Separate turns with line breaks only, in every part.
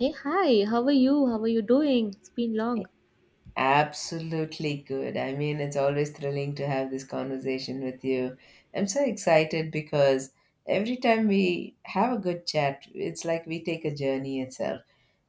Hey, hi, how are you? How are you doing? It's been long.
Absolutely good. I mean, it's always thrilling to have this conversation with you. I'm so excited because every time we have a good chat, it's like we take a journey itself.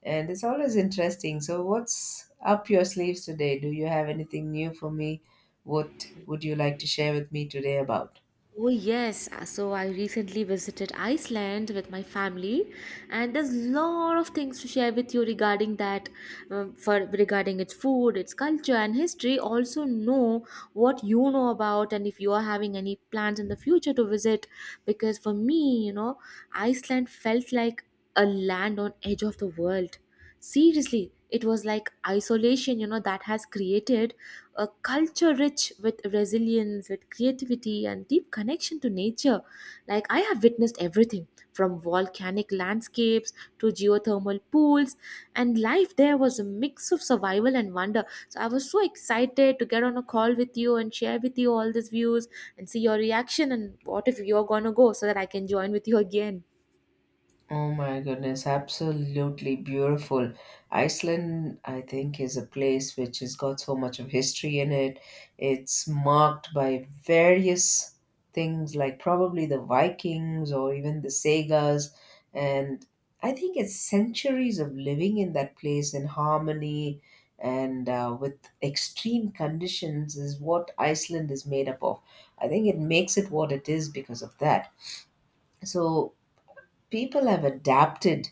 And it's always interesting. So, what's up your sleeves today? Do you have anything new for me? What would you like to share with me today about?
Oh, yes. So I recently visited Iceland with my family, and there's a lot of things to share with you regarding that, for regarding its food, its culture, and history. Also, know what you know about, and if you are having any plans in the future to visit, because for me, Iceland felt like a land on edge of the world. Seriously, it was like isolation, that has created a culture rich with resilience, with creativity, and deep connection to nature. Like, I have witnessed everything from volcanic landscapes to geothermal pools, and life there was a mix of survival and wonder. So, I was so excited to get on a call with you and share with you all these views and see your reaction and what if you're gonna go so that I can join with you again.
Oh my goodness, absolutely beautiful. Iceland, I think, is a place which has got so much of history in it. It's marked by various things like probably the Vikings or even the Sagas. And I think it's centuries of living in that place in harmony and with extreme conditions is what Iceland is made up of. I think it makes it what it is because of that. So people have adapted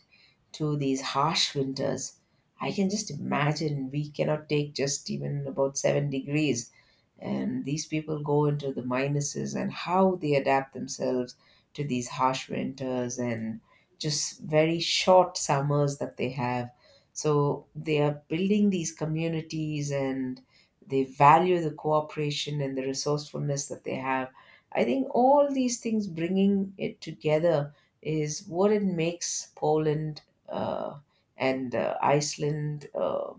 to these harsh winters. I can just imagine we cannot take just even about 7 degrees, and these people go into the minuses and how they adapt themselves to these harsh winters and just very short summers that they have, so they are building these communities, and they value the cooperation and the resourcefulness that they have. I think all these things bringing it together is what it makes Poland uh, and Iceland, uh,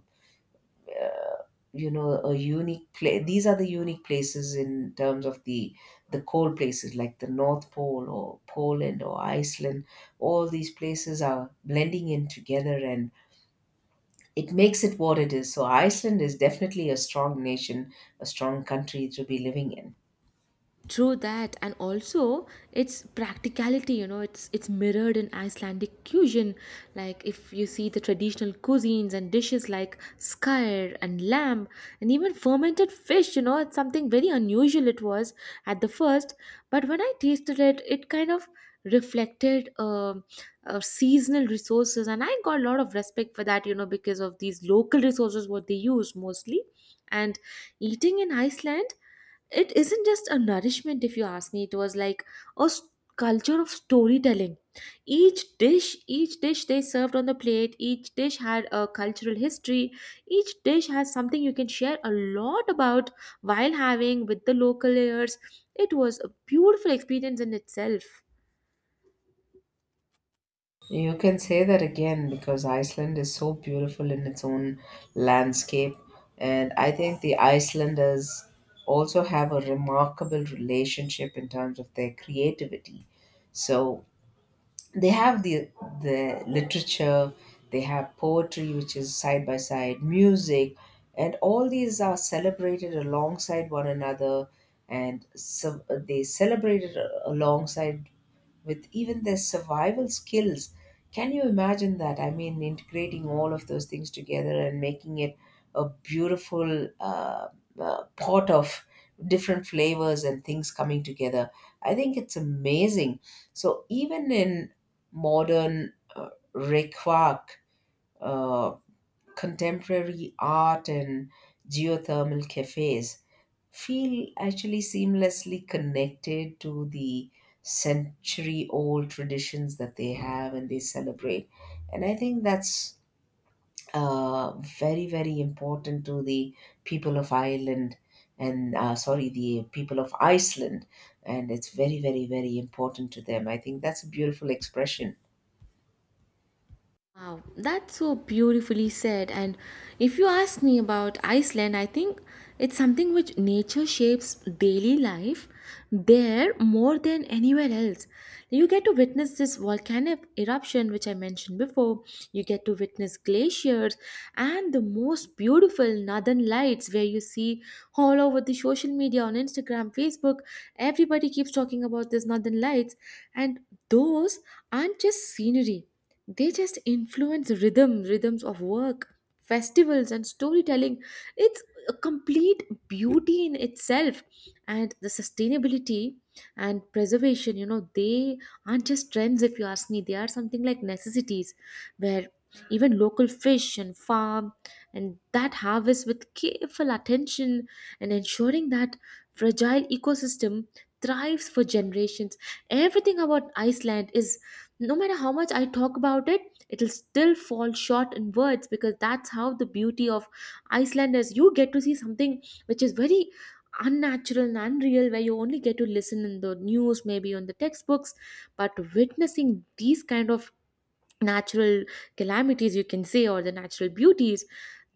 you know a unique place. These are the unique places in terms of the cold places like the North Pole or Poland or Iceland. All these places are blending in together, and it makes it what it is. So Iceland is definitely a strong nation, a strong country to be living in.
True that, and also its practicality. You know, it's mirrored in Icelandic cuisine. Like if you see the traditional cuisines and dishes like skyr and lamb, and even fermented fish. You know, it's something very unusual. It was at the first, but when I tasted it, it kind of reflected seasonal resources, and I got a lot of respect for that. You know, because of these local resources what they use mostly, and eating in Iceland it isn't just a nourishment if you ask me it was like a s- culture of storytelling. Each dish they served on the plate, each dish had a cultural history, each dish has something you can share a lot about while having with the local layers. It was a beautiful experience in itself.
You can say that again, because Iceland is so beautiful in its own landscape. And I think the Icelanders also have a remarkable relationship in terms of their creativity. So they have the literature, they have poetry which is side by side music, and all these are celebrated alongside one another. And so they celebrated alongside with even their survival skills. Can you imagine that? I mean, integrating all of those things together and making it a beautiful pot of different flavors and things coming together. I think it's amazing. So even in modern, required uh, contemporary art and geothermal cafes feel actually seamlessly connected to the century old traditions that they have and they celebrate. And I think that's uh, very very important to the people of Ireland, and sorry, the people of Iceland. And it's very very very important to them. I think that's a beautiful expression.
Wow, that's so beautifully said. And if you ask me about Iceland, I think it's something which nature shapes daily life there more than anywhere else. You get to witness this volcanic eruption, which I mentioned before. You get to witness glaciers and the most beautiful northern lights, where you see all over the social media on Instagram, Facebook, everybody keeps talking about these northern lights. And those aren't just scenery, they just influence rhythms of work, festivals, and storytelling. It's a complete beauty in itself. And the sustainability and preservation, you know, they aren't just trends, if you ask me they are something like necessities, where even local fish and farm and that harvest with careful attention and ensuring that fragile ecosystem thrives for generations. Everything about Iceland is, no matter how much I talk about it, it'll still fall short in words, because that's how the beauty of Iceland is. You get to see something which is very unnatural and unreal, where you only get to listen in the news, maybe on the textbooks, but witnessing these kind of natural calamities, you can say, or the natural beauties,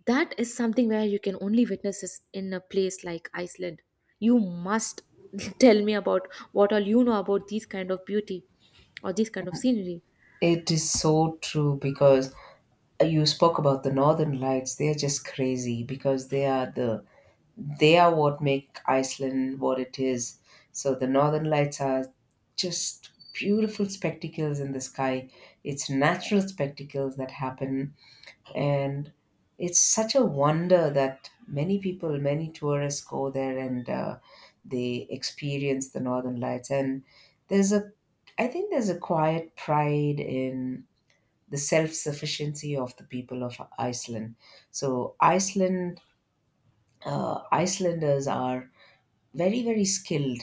that is something where you can only witness this in a place like Iceland. You must tell me about what all you know about these kind of beauty or these kind of scenery.
It is so true because you spoke about the Northern Lights. They're just crazy because they are what make Iceland what it is. So the Northern Lights are just beautiful spectacles in the sky. It's natural spectacles that happen, and it's such a wonder that many people many tourists go there, and they experience the northern lights. And there's a, I think there's a quiet pride in the self-sufficiency of the people of Iceland. So Iceland, Icelanders are very very skilled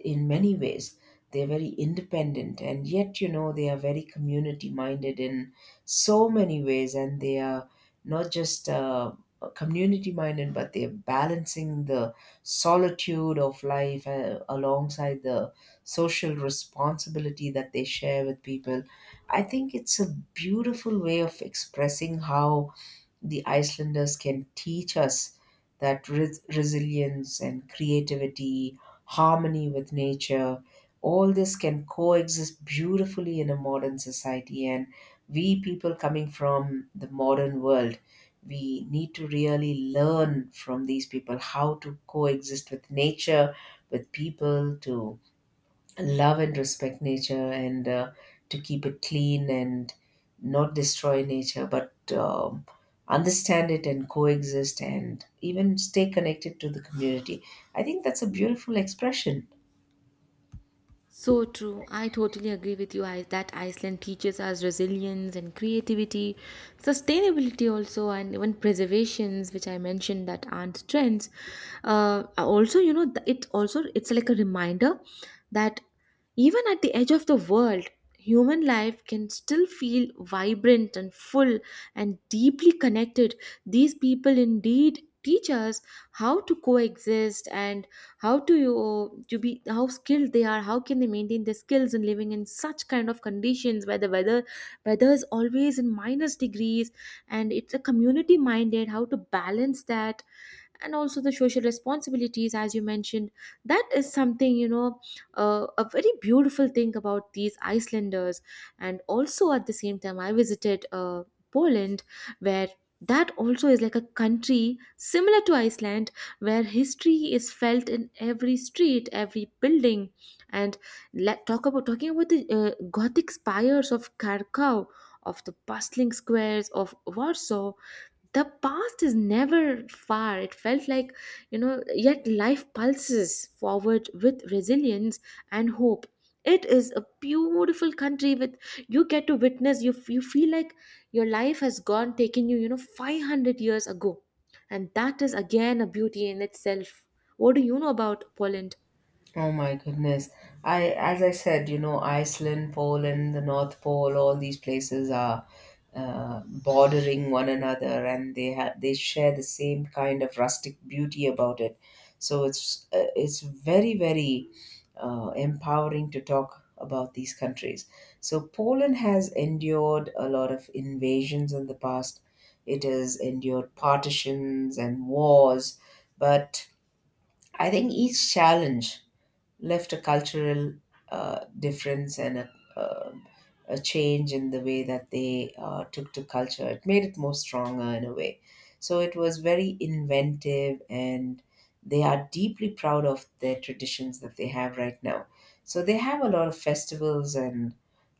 in many ways. They're very independent and yet, they are very community minded in so many ways. And they are not just community minded, but they're balancing the solitude of life alongside the social responsibility that they share with people. I think it's a beautiful way of expressing how the Icelanders can teach us that resilience and creativity, harmony with nature. All this can coexist beautifully in a modern society. And we people coming from the modern world, we need to really learn from these people how to coexist with nature, with people, to love and respect nature, and to keep it clean and not destroy nature, but understand it and coexist and even stay connected to the community. I think that's a beautiful expression.
So true. I totally agree with you I, that Iceland teaches us resilience and creativity, sustainability also, and even preservations, which I mentioned that aren't trends. Also, you know, it also it's like a reminder that even at the edge of the world, human life can still feel vibrant and full and deeply connected. These people indeed teach us how to coexist, and how do you to be how skilled they are, how can they maintain their skills in living in such kind of conditions where the weather is always in minus degrees. And it's a community minded, how to balance that and also the social responsibilities, as you mentioned. That is something, you know, a very beautiful thing about these Icelanders. And also at the same time I visited Poland, where that also is like a country similar to Iceland, where history is felt in every street, every building. And let talk about talking about the gothic spires of Krakow, of the bustling squares of Warsaw, the past is never far, it felt like, you know, yet life pulses forward with resilience and hope. It is a beautiful country with, you get to witness, you feel like your life has gone taking you, you know, 500 years ago, and that is again a beauty in itself. What do you know about Poland?
Oh my goodness. I, as I said, you know, Iceland, Poland, the North Pole, all these places are bordering one another, and they share the same kind of rustic beauty about it. So it's very very empowering to talk about these countries. So Poland has endured a lot of invasions in the past. It has endured partitions and wars, but I think each challenge left a cultural difference and um a change in the way that they took to culture. It made it more stronger in a way. So it was very inventive, and they are deeply proud of their traditions that they have right now. So they have a lot of festivals and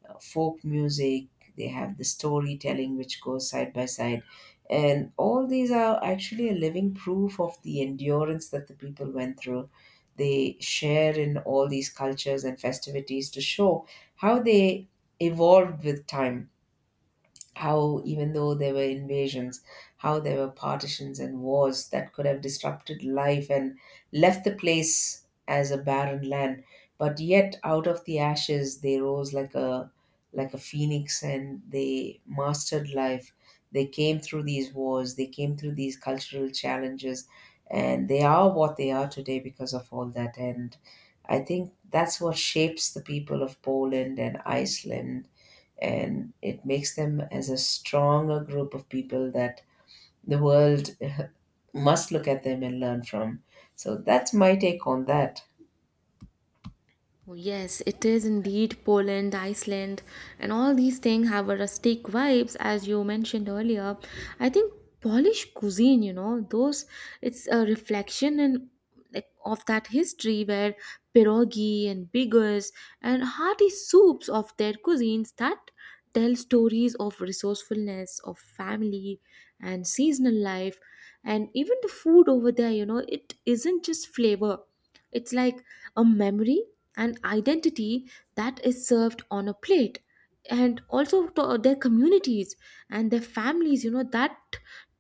folk music. They have the storytelling which goes side by side. And all these are actually a living proof of the endurance that the people went through. They share in all these cultures and festivities to show how they evolved with time, how even though there were invasions, how there were partitions and wars that could have disrupted life and left the place as a barren land. But yet out of the ashes they rose like a phoenix and they mastered life. They came through these wars, they came through these cultural challenges, and they are what they are today because of all that. And I think that's what shapes the people of Poland and Iceland, and it makes them as a stronger group of people that the world must look at them and learn from. So that's my take on that.
Oh, yes, it is indeed Poland, Iceland, and all these things have a rustic vibes, as you mentioned earlier. I think Polish cuisine, you know, those, it's a reflection in like of that history, where pierogi and biggers and hearty soups of their cuisines that tell stories of resourcefulness, of family and seasonal life. And even the food over there, you know, it isn't just flavor. It's like a memory, an identity that is served on a plate. And also to their communities and their families, you know, that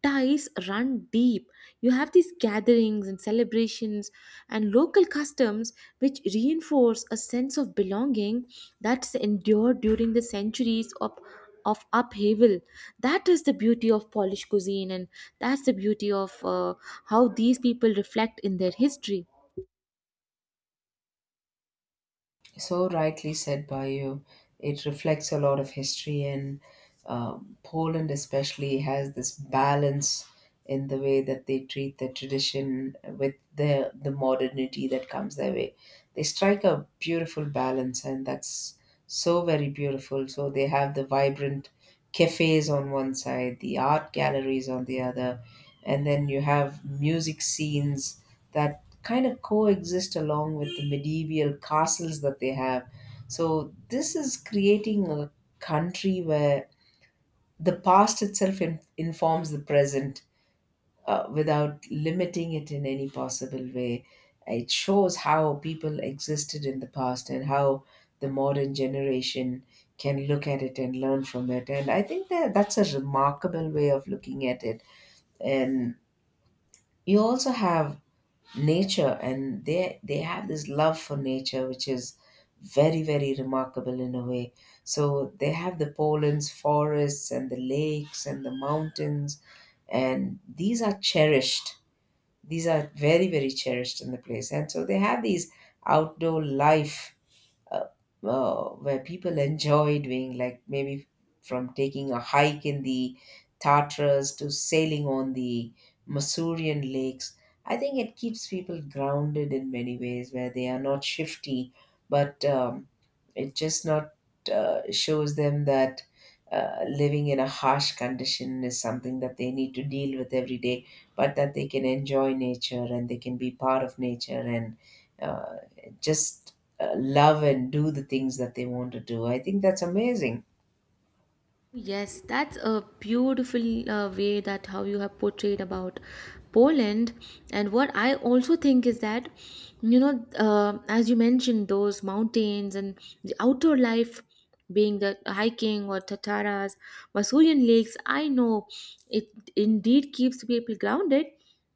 ties run deep. You have these gatherings and celebrations and local customs which reinforce a sense of belonging that's endured during the centuries of upheaval. That is the beauty of Polish cuisine, and that's the beauty of how these people reflect in their history.
So rightly said by you. It reflects a lot of history, and Poland especially has this balance in the way that they treat the tradition with the modernity that comes their way. They strike a beautiful balance, and that's so very beautiful. So they have the vibrant cafes on one side, the art galleries on the other, and then you have music scenes that kind of coexist along with the medieval castles that they have. So this is creating a country where the past itself informs the present without limiting it in any possible way. It shows how people existed in the past and how the modern generation can look at it and learn from it. And I think that that's a remarkable way of looking at it. And you also have nature, and they have this love for nature which is very very remarkable in a way. So they have the Poland's forests and the lakes and the mountains, and these are cherished. These are very very cherished in the place. And so they have these outdoor life, uh, where people enjoy doing, like maybe from taking a hike in the Tartars to sailing on the Masurian lakes. I think it keeps people grounded in many ways where they are not shifty, but it just not shows them that living in a harsh condition is something that they need to deal with every day, but that they can enjoy nature and they can be part of nature, and uh, just love and do the things that they want to do. I think that's amazing.
Yes, that's a beautiful way that how you have portrayed about Poland. And what I also think is that, you know, as you mentioned, those mountains and the outdoor life, being the hiking or Tataras, Masurian lakes, I know it indeed keeps people grounded.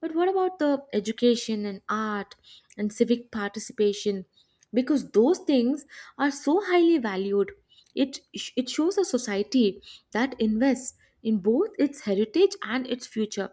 But what about the education and art and civic participation? Because those things are so highly valued. It shows a society that invests in both its heritage and its future.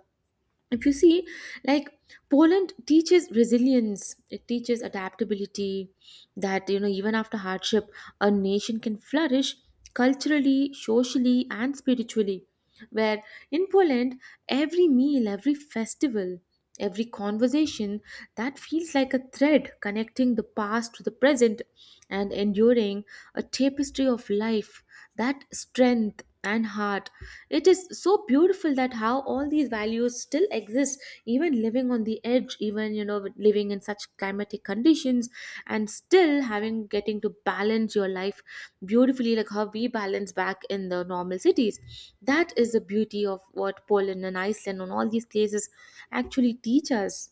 If you see, like, Poland teaches resilience, it teaches adaptability, that, you know, even after hardship, a nation can flourish culturally, socially, and spiritually. Where in Poland, every meal, every festival, every conversation that feels like a thread connecting the past to the present and enduring a tapestry of life, that strength and heart. It is so beautiful that how all these values still exist, even living on the edge, even, you know, with living in such climatic conditions, and still having getting to balance your life beautifully, like how we balance back in the normal cities. That is the beauty of what Poland and Iceland and all these places actually teach us.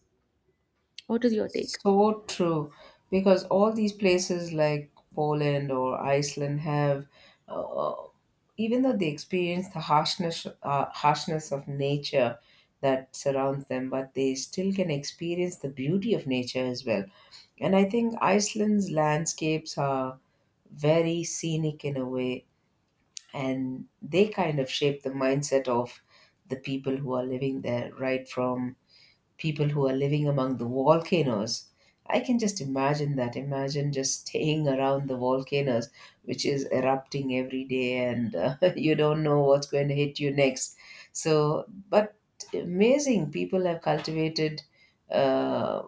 What is your take?
So true. Because all these places like Poland or Iceland have, uh, uh, even though they experience the harshness of nature that surrounds them, but they still can experience the beauty of nature as well. And I think Iceland's landscapes are very scenic in a way, and they kind of shape the mindset of the people who are living there, right from people who are living among the volcanoes. I can just imagine that. Imagine just staying around the volcanoes, which is erupting every day, and you don't know what's going to hit you next. So, but amazing, people have cultivated uh,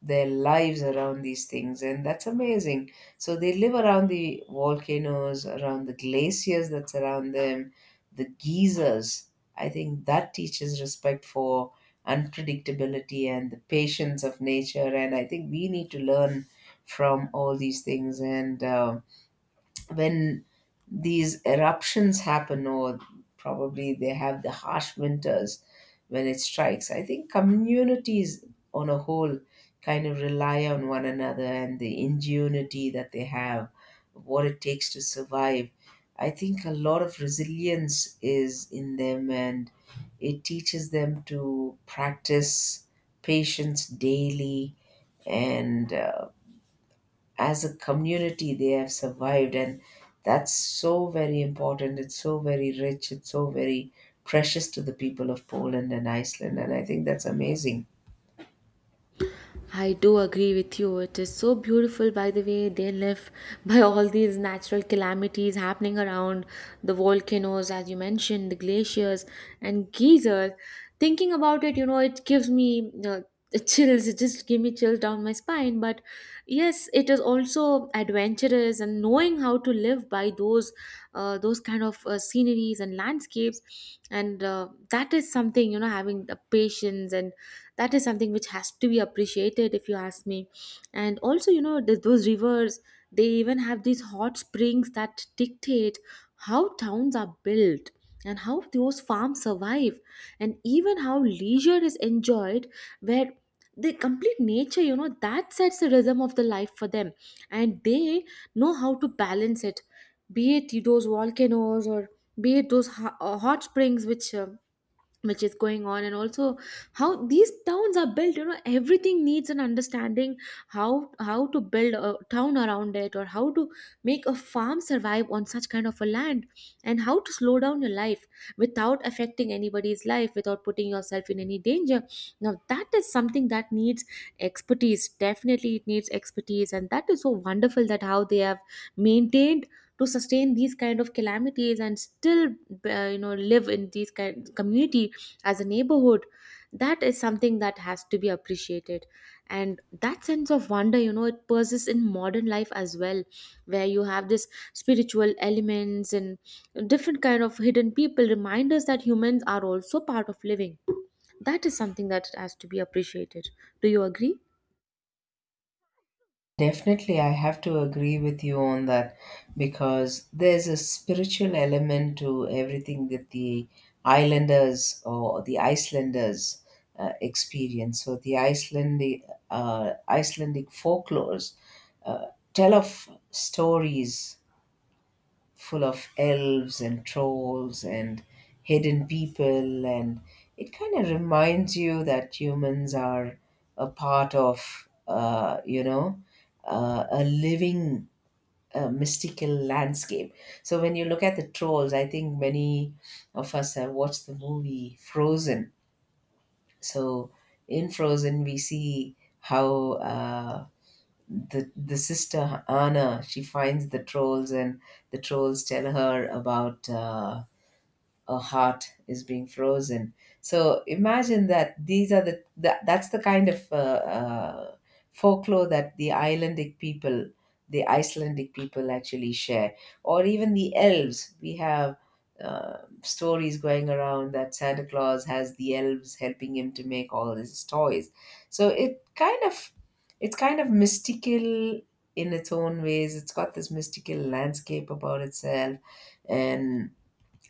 their lives around these things, and that's amazing. So, they live around the volcanoes, around the glaciers that surround them, the geysers. I think that teaches respect for unpredictability and the patience of nature. And I think we need to learn from all these things. And when these eruptions happen, or probably they have the harsh winters when it strikes, I think communities on a whole kind of rely on one another and the ingenuity that they have, what it takes to survive. I think a lot of resilience is in them, and it teaches them to practice patience daily. And As a community, they have survived, and that's so very important. It's so very rich, it's so very precious to the people of Poland and Iceland, and I think that's amazing.
I do agree with you. It is so beautiful, by the way, they live by all these natural calamities happening around the volcanoes, as you mentioned, the glaciers and geysers. Thinking about it, you know, it gives me chills. It just gives me chills down my spine. But yes, it is also adventurous, and knowing how to live by those, those kind of sceneries and landscapes, and that is something, you know, having the patience, and that is something which has to be appreciated if you ask me. And also, you know, those rivers, they even have these hot springs that dictate how towns are built and how those farms survive and even how leisure is enjoyed, where the complete nature, you know, that sets the rhythm of the life for them, and they know how to balance it, be it those volcanoes or be it those hot springs which is going on. And also how these towns are built, you know, everything needs an understanding, how to build a town around it or how to make a farm survive on such kind of a land, and how to slow down your life without affecting anybody's life, without putting yourself in any danger. Now that is something that needs expertise, definitely it needs expertise. And that is so wonderful that how they have maintained to sustain these kind of calamities and still, you know, live in these kind community as a neighborhood. That is something that has to be appreciated. And that sense of wonder, you know, it persists in modern life as well, where you have this spiritual elements and different kind of hidden people reminders that humans are also part of living. That is something that has to be appreciated. Do you agree?
Definitely, I have to agree with you on that, because there's a spiritual element to everything that the islanders or the Icelanders experience. So the Icelandic Icelandic folklores uh, tell of stories full of elves and trolls and hidden people, and it kind of reminds you that humans are a part of a living, mystical landscape. So when you look at the trolls, I think many of us have watched the movie Frozen. So in Frozen, we see how the sister Anna, she finds the trolls, and the trolls tell her about, a heart is being frozen. So imagine that these are that's the kind of folklore that the Icelandic people actually share. Or even the elves, we have stories going around that Santa Claus has the elves helping him to make all his toys. So it's kind of mystical in its own ways. It's got this mystical landscape about itself. And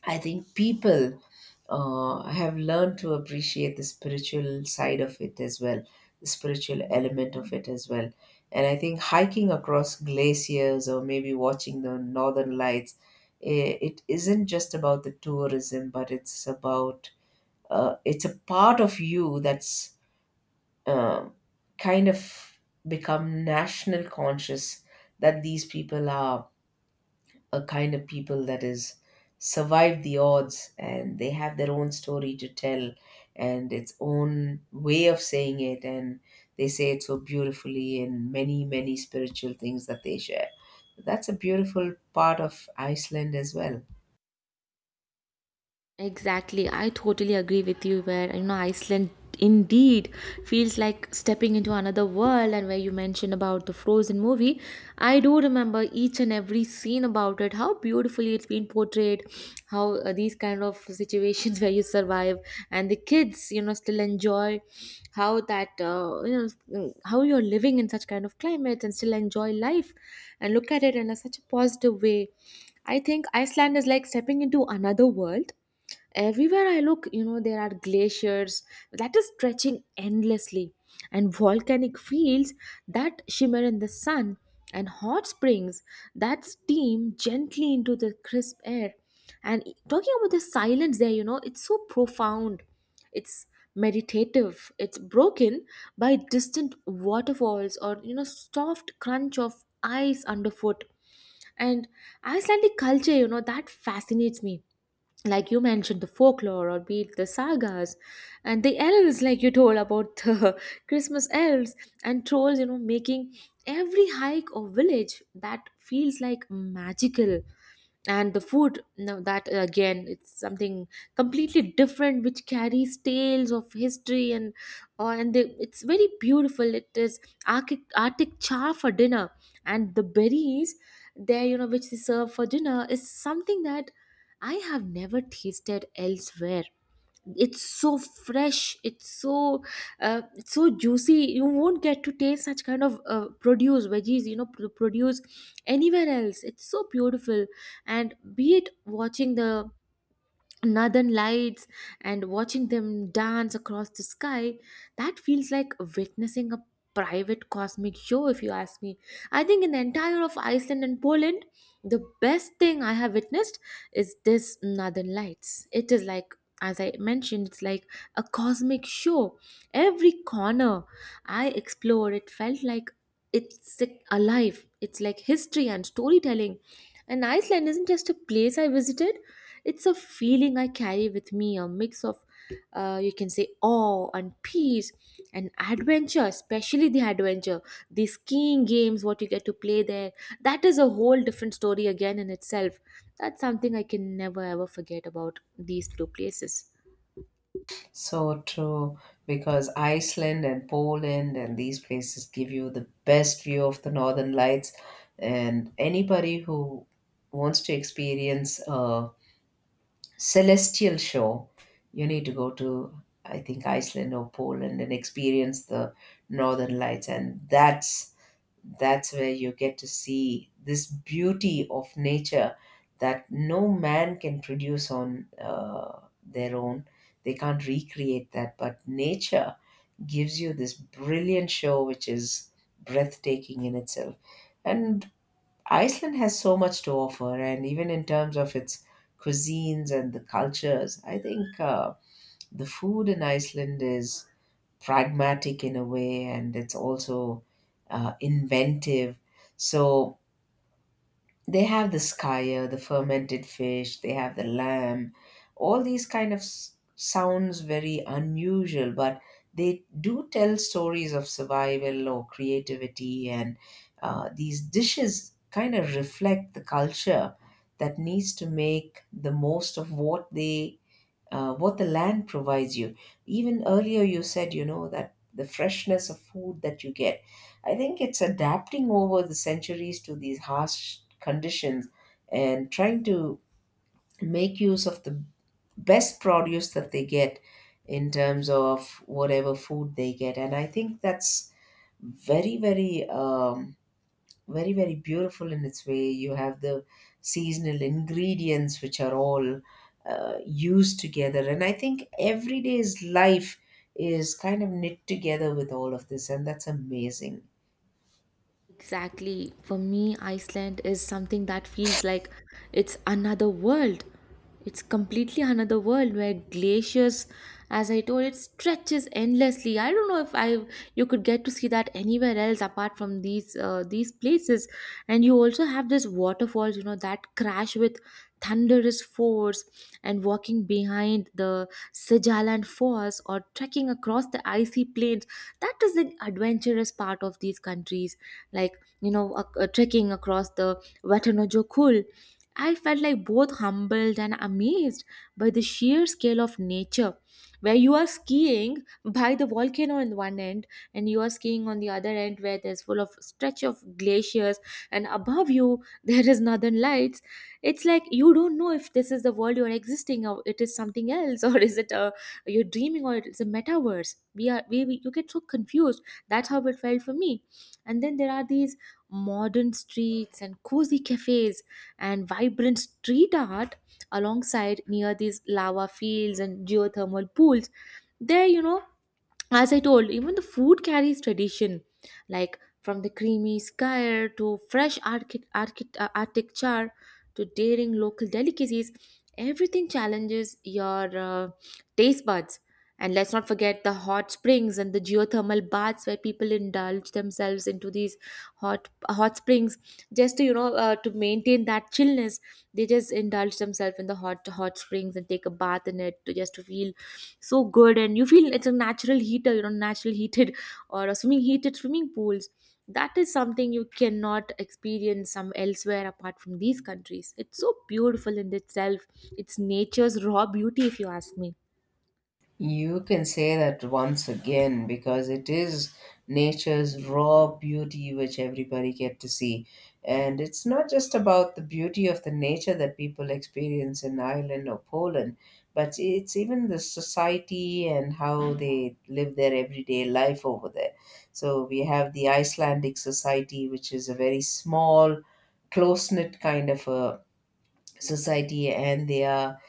I think people have learned to appreciate the spiritual side of it as well, the spiritual element of it as well. And I think hiking across glaciers or maybe watching the northern lights, it isn't just about the tourism, but it's about, it's a part of you that's uh, kind of become national conscious, that these people are a kind of people that is survived the odds, and they have their own story to tell and its own way of saying it, and they say it so beautifully in many many spiritual things that they share. That's a beautiful part of Iceland as well.
Exactly, I totally agree with you. Where, you know, Iceland indeed feels like stepping into another world, and where you mentioned about the Frozen movie, I do remember each and every scene about it. How beautifully it's been portrayed, how these kind of situations where you survive, and the kids, you know, still enjoy how that how you're living in such kind of climate and still enjoy life, and look at it in a, such a positive way. I think Iceland is like stepping into another world. Everywhere I look, you know, there are glaciers that is stretching endlessly, and volcanic fields that shimmer in the sun, and hot springs that steam gently into the crisp air. And talking about the silence there, you know, it's so profound. It's meditative. It's broken by distant waterfalls or, you know, soft crunch of ice underfoot. And Icelandic culture, you know, that fascinates me, like you mentioned the folklore or be it the sagas and the elves, like you told about the Christmas elves and trolls, you know, making every hike or village that feels like magical. And the food, now that again, it's something completely different, which carries tales of history and they, it's very beautiful. It is arctic char for dinner, and the berries there, you know, which they serve for dinner is something that I have never tasted elsewhere. It's so fresh, it's so juicy. You won't get to taste such kind of produce veggies, you know, produce anywhere else. It's so beautiful. And be it watching the northern lights and watching them dance across the sky, that feels like witnessing a private cosmic show, if you ask me. I think in the entire of Iceland and Poland, the best thing I have witnessed is this northern lights. It is like, as I mentioned, it's like a cosmic show. Every corner I explored, it felt like it's like alive. It's like history and storytelling. And Iceland isn't just a place I visited, it's a feeling I carry with me, a mix of, you can say, awe and peace and adventure, especially the adventure. The skiing games, what you get to play there, that is a whole different story again in itself. That's something I can never ever forget about these two places.
So true, because Iceland and Poland and these places give you the best view of the northern lights. And anybody who wants to experience celestial show, you need to go to, I think, Iceland or Poland, and experience the northern lights. And that's where you get to see this beauty of nature that no man can produce on their own. They can't recreate that, but nature gives you this brilliant show, which is breathtaking in itself. And Iceland has so much to offer, and even in terms of its cuisines and the cultures, I think the food in Iceland is pragmatic in a way, and it's also inventive. So they have the skyer, the fermented fish, they have the lamb. All these kind of sounds very unusual, but they do tell stories of survival or creativity, and these dishes kind of reflect the culture that needs to make the most of what they what the land provides you. Even earlier, you said, you know, that the freshness of food that you get. I think it's adapting over the centuries to these harsh conditions, and trying to make use of the best produce that they get in terms of whatever food they get. And I think that's very, very. Very very beautiful in its way. You have the seasonal ingredients which are all used together, and I think everyday's life is kind of knit together with all of this, and that's amazing.
Exactly. For me, Iceland is something that feels like it's another world. It's completely another world where glaciers, as I told, it stretches endlessly. I don't know if I you could get to see that anywhere else apart from these places. And you also have these waterfalls, you know, that crash with thunderous force. And walking behind the Sijaland Falls or trekking across the icy plains, that is an adventurous part of these countries, like, you know, a trekking across the Watanojokull. I felt like both humbled and amazed by the sheer scale of nature, where you are skiing by the volcano on one end and you are skiing on the other end, where there's full of stretch of glaciers, and above you there is northern lights. It's like you don't know if this is the world you're existing or it is something else, or is it a you're dreaming or it's a metaverse. We you get so confused. That's how it felt for me. And then there are these modern streets and cozy cafes and vibrant street art alongside near these lava fields and geothermal pools. There, you know, as I told, even the food carries tradition, like from the creamy skyr to fresh architecture to daring local delicacies. Everything challenges your taste buds. And let's not forget the hot springs and the geothermal baths where people indulge themselves into these hot springs just to, you know, to maintain that chillness. They just indulge themselves in the hot springs and take a bath in it to just to feel so good. And you feel it's a natural heater, you know, natural heated or a swimming heated swimming pools. That is something you cannot experience some elsewhere apart from these countries. It's so beautiful in itself. It's nature's raw beauty, if you ask me.
You can say that once again, because it is nature's raw beauty which everybody get to see. And it's not just about the beauty of the nature that people experience in Ireland or Poland, but it's even the society and how they live their everyday life over there. So we have the Icelandic society, which is a very small, close knit kind of a society, and they are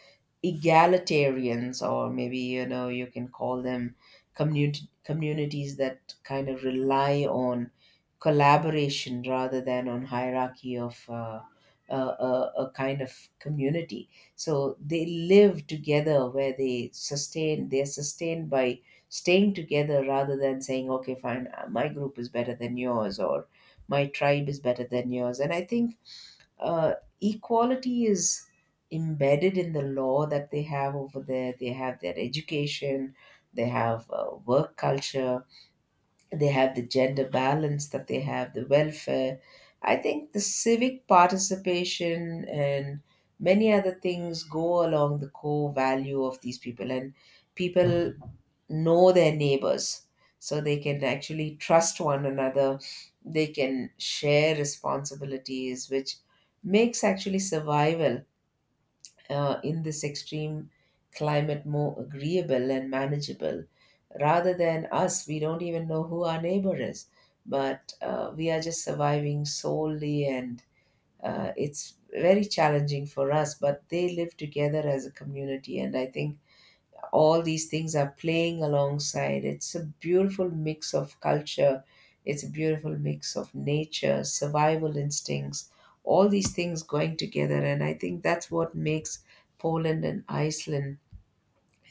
egalitarians, or maybe, you know, you can call them community communities that kind of rely on collaboration rather than on hierarchy of a kind of community. So they live together, where they're sustained by staying together, rather than saying, okay fine, my group is better than yours, or my tribe is better than yours. And I think uh, equality is embedded in the law that they have over there. They have their education, they have work culture, they have the gender balance that they have, the welfare. I think the civic participation and many other things go along the core value of these people, and people know their neighbors. So they can actually trust one another. They can share responsibilities, which makes actually survival in this extreme climate more agreeable and manageable, rather than us, we don't even know who our neighbor is, but we are just surviving solely, and it's very challenging for us, but they live together as a community. And I think all these things are playing alongside. It's a beautiful mix of culture, it's a beautiful mix of nature, survival instincts, all these things going together. And I think that's what makes Poland and Iceland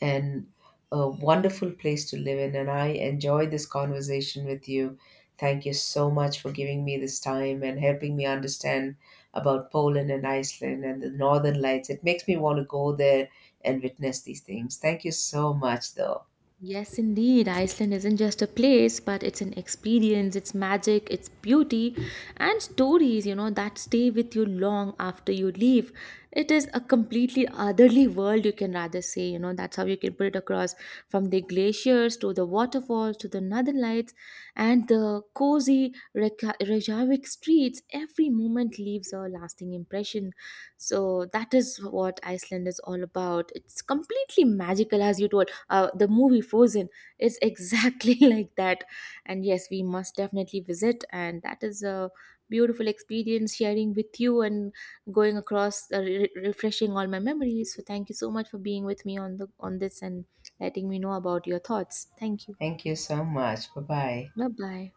and a wonderful place to live in. And I enjoyed this conversation with you. Thank you so much for giving me this time and helping me understand about Poland and Iceland and the Northern Lights. It makes me want to go there and witness these things. Thank you so much, though.
Yes, indeed. Iceland isn't just a place, but it's an experience, it's magic, it's beauty, and stories, you know, that stay with you long after you leave. It is a completely otherly world, you can rather say, you know, that's how you can put it across, from the glaciers to the waterfalls to the northern lights and the cozy Reykjavik streets. Every moment leaves a lasting impression. So, that is what Iceland is all about. It's completely magical. As you told, the movie Frozen is exactly like that. And yes, we must definitely visit. And that is a beautiful experience sharing with you and going across, refreshing all my memories. So thank you so much for being with me on the on this and letting me know about your thoughts. Thank you.
Thank you so much. Bye bye.
Bye bye.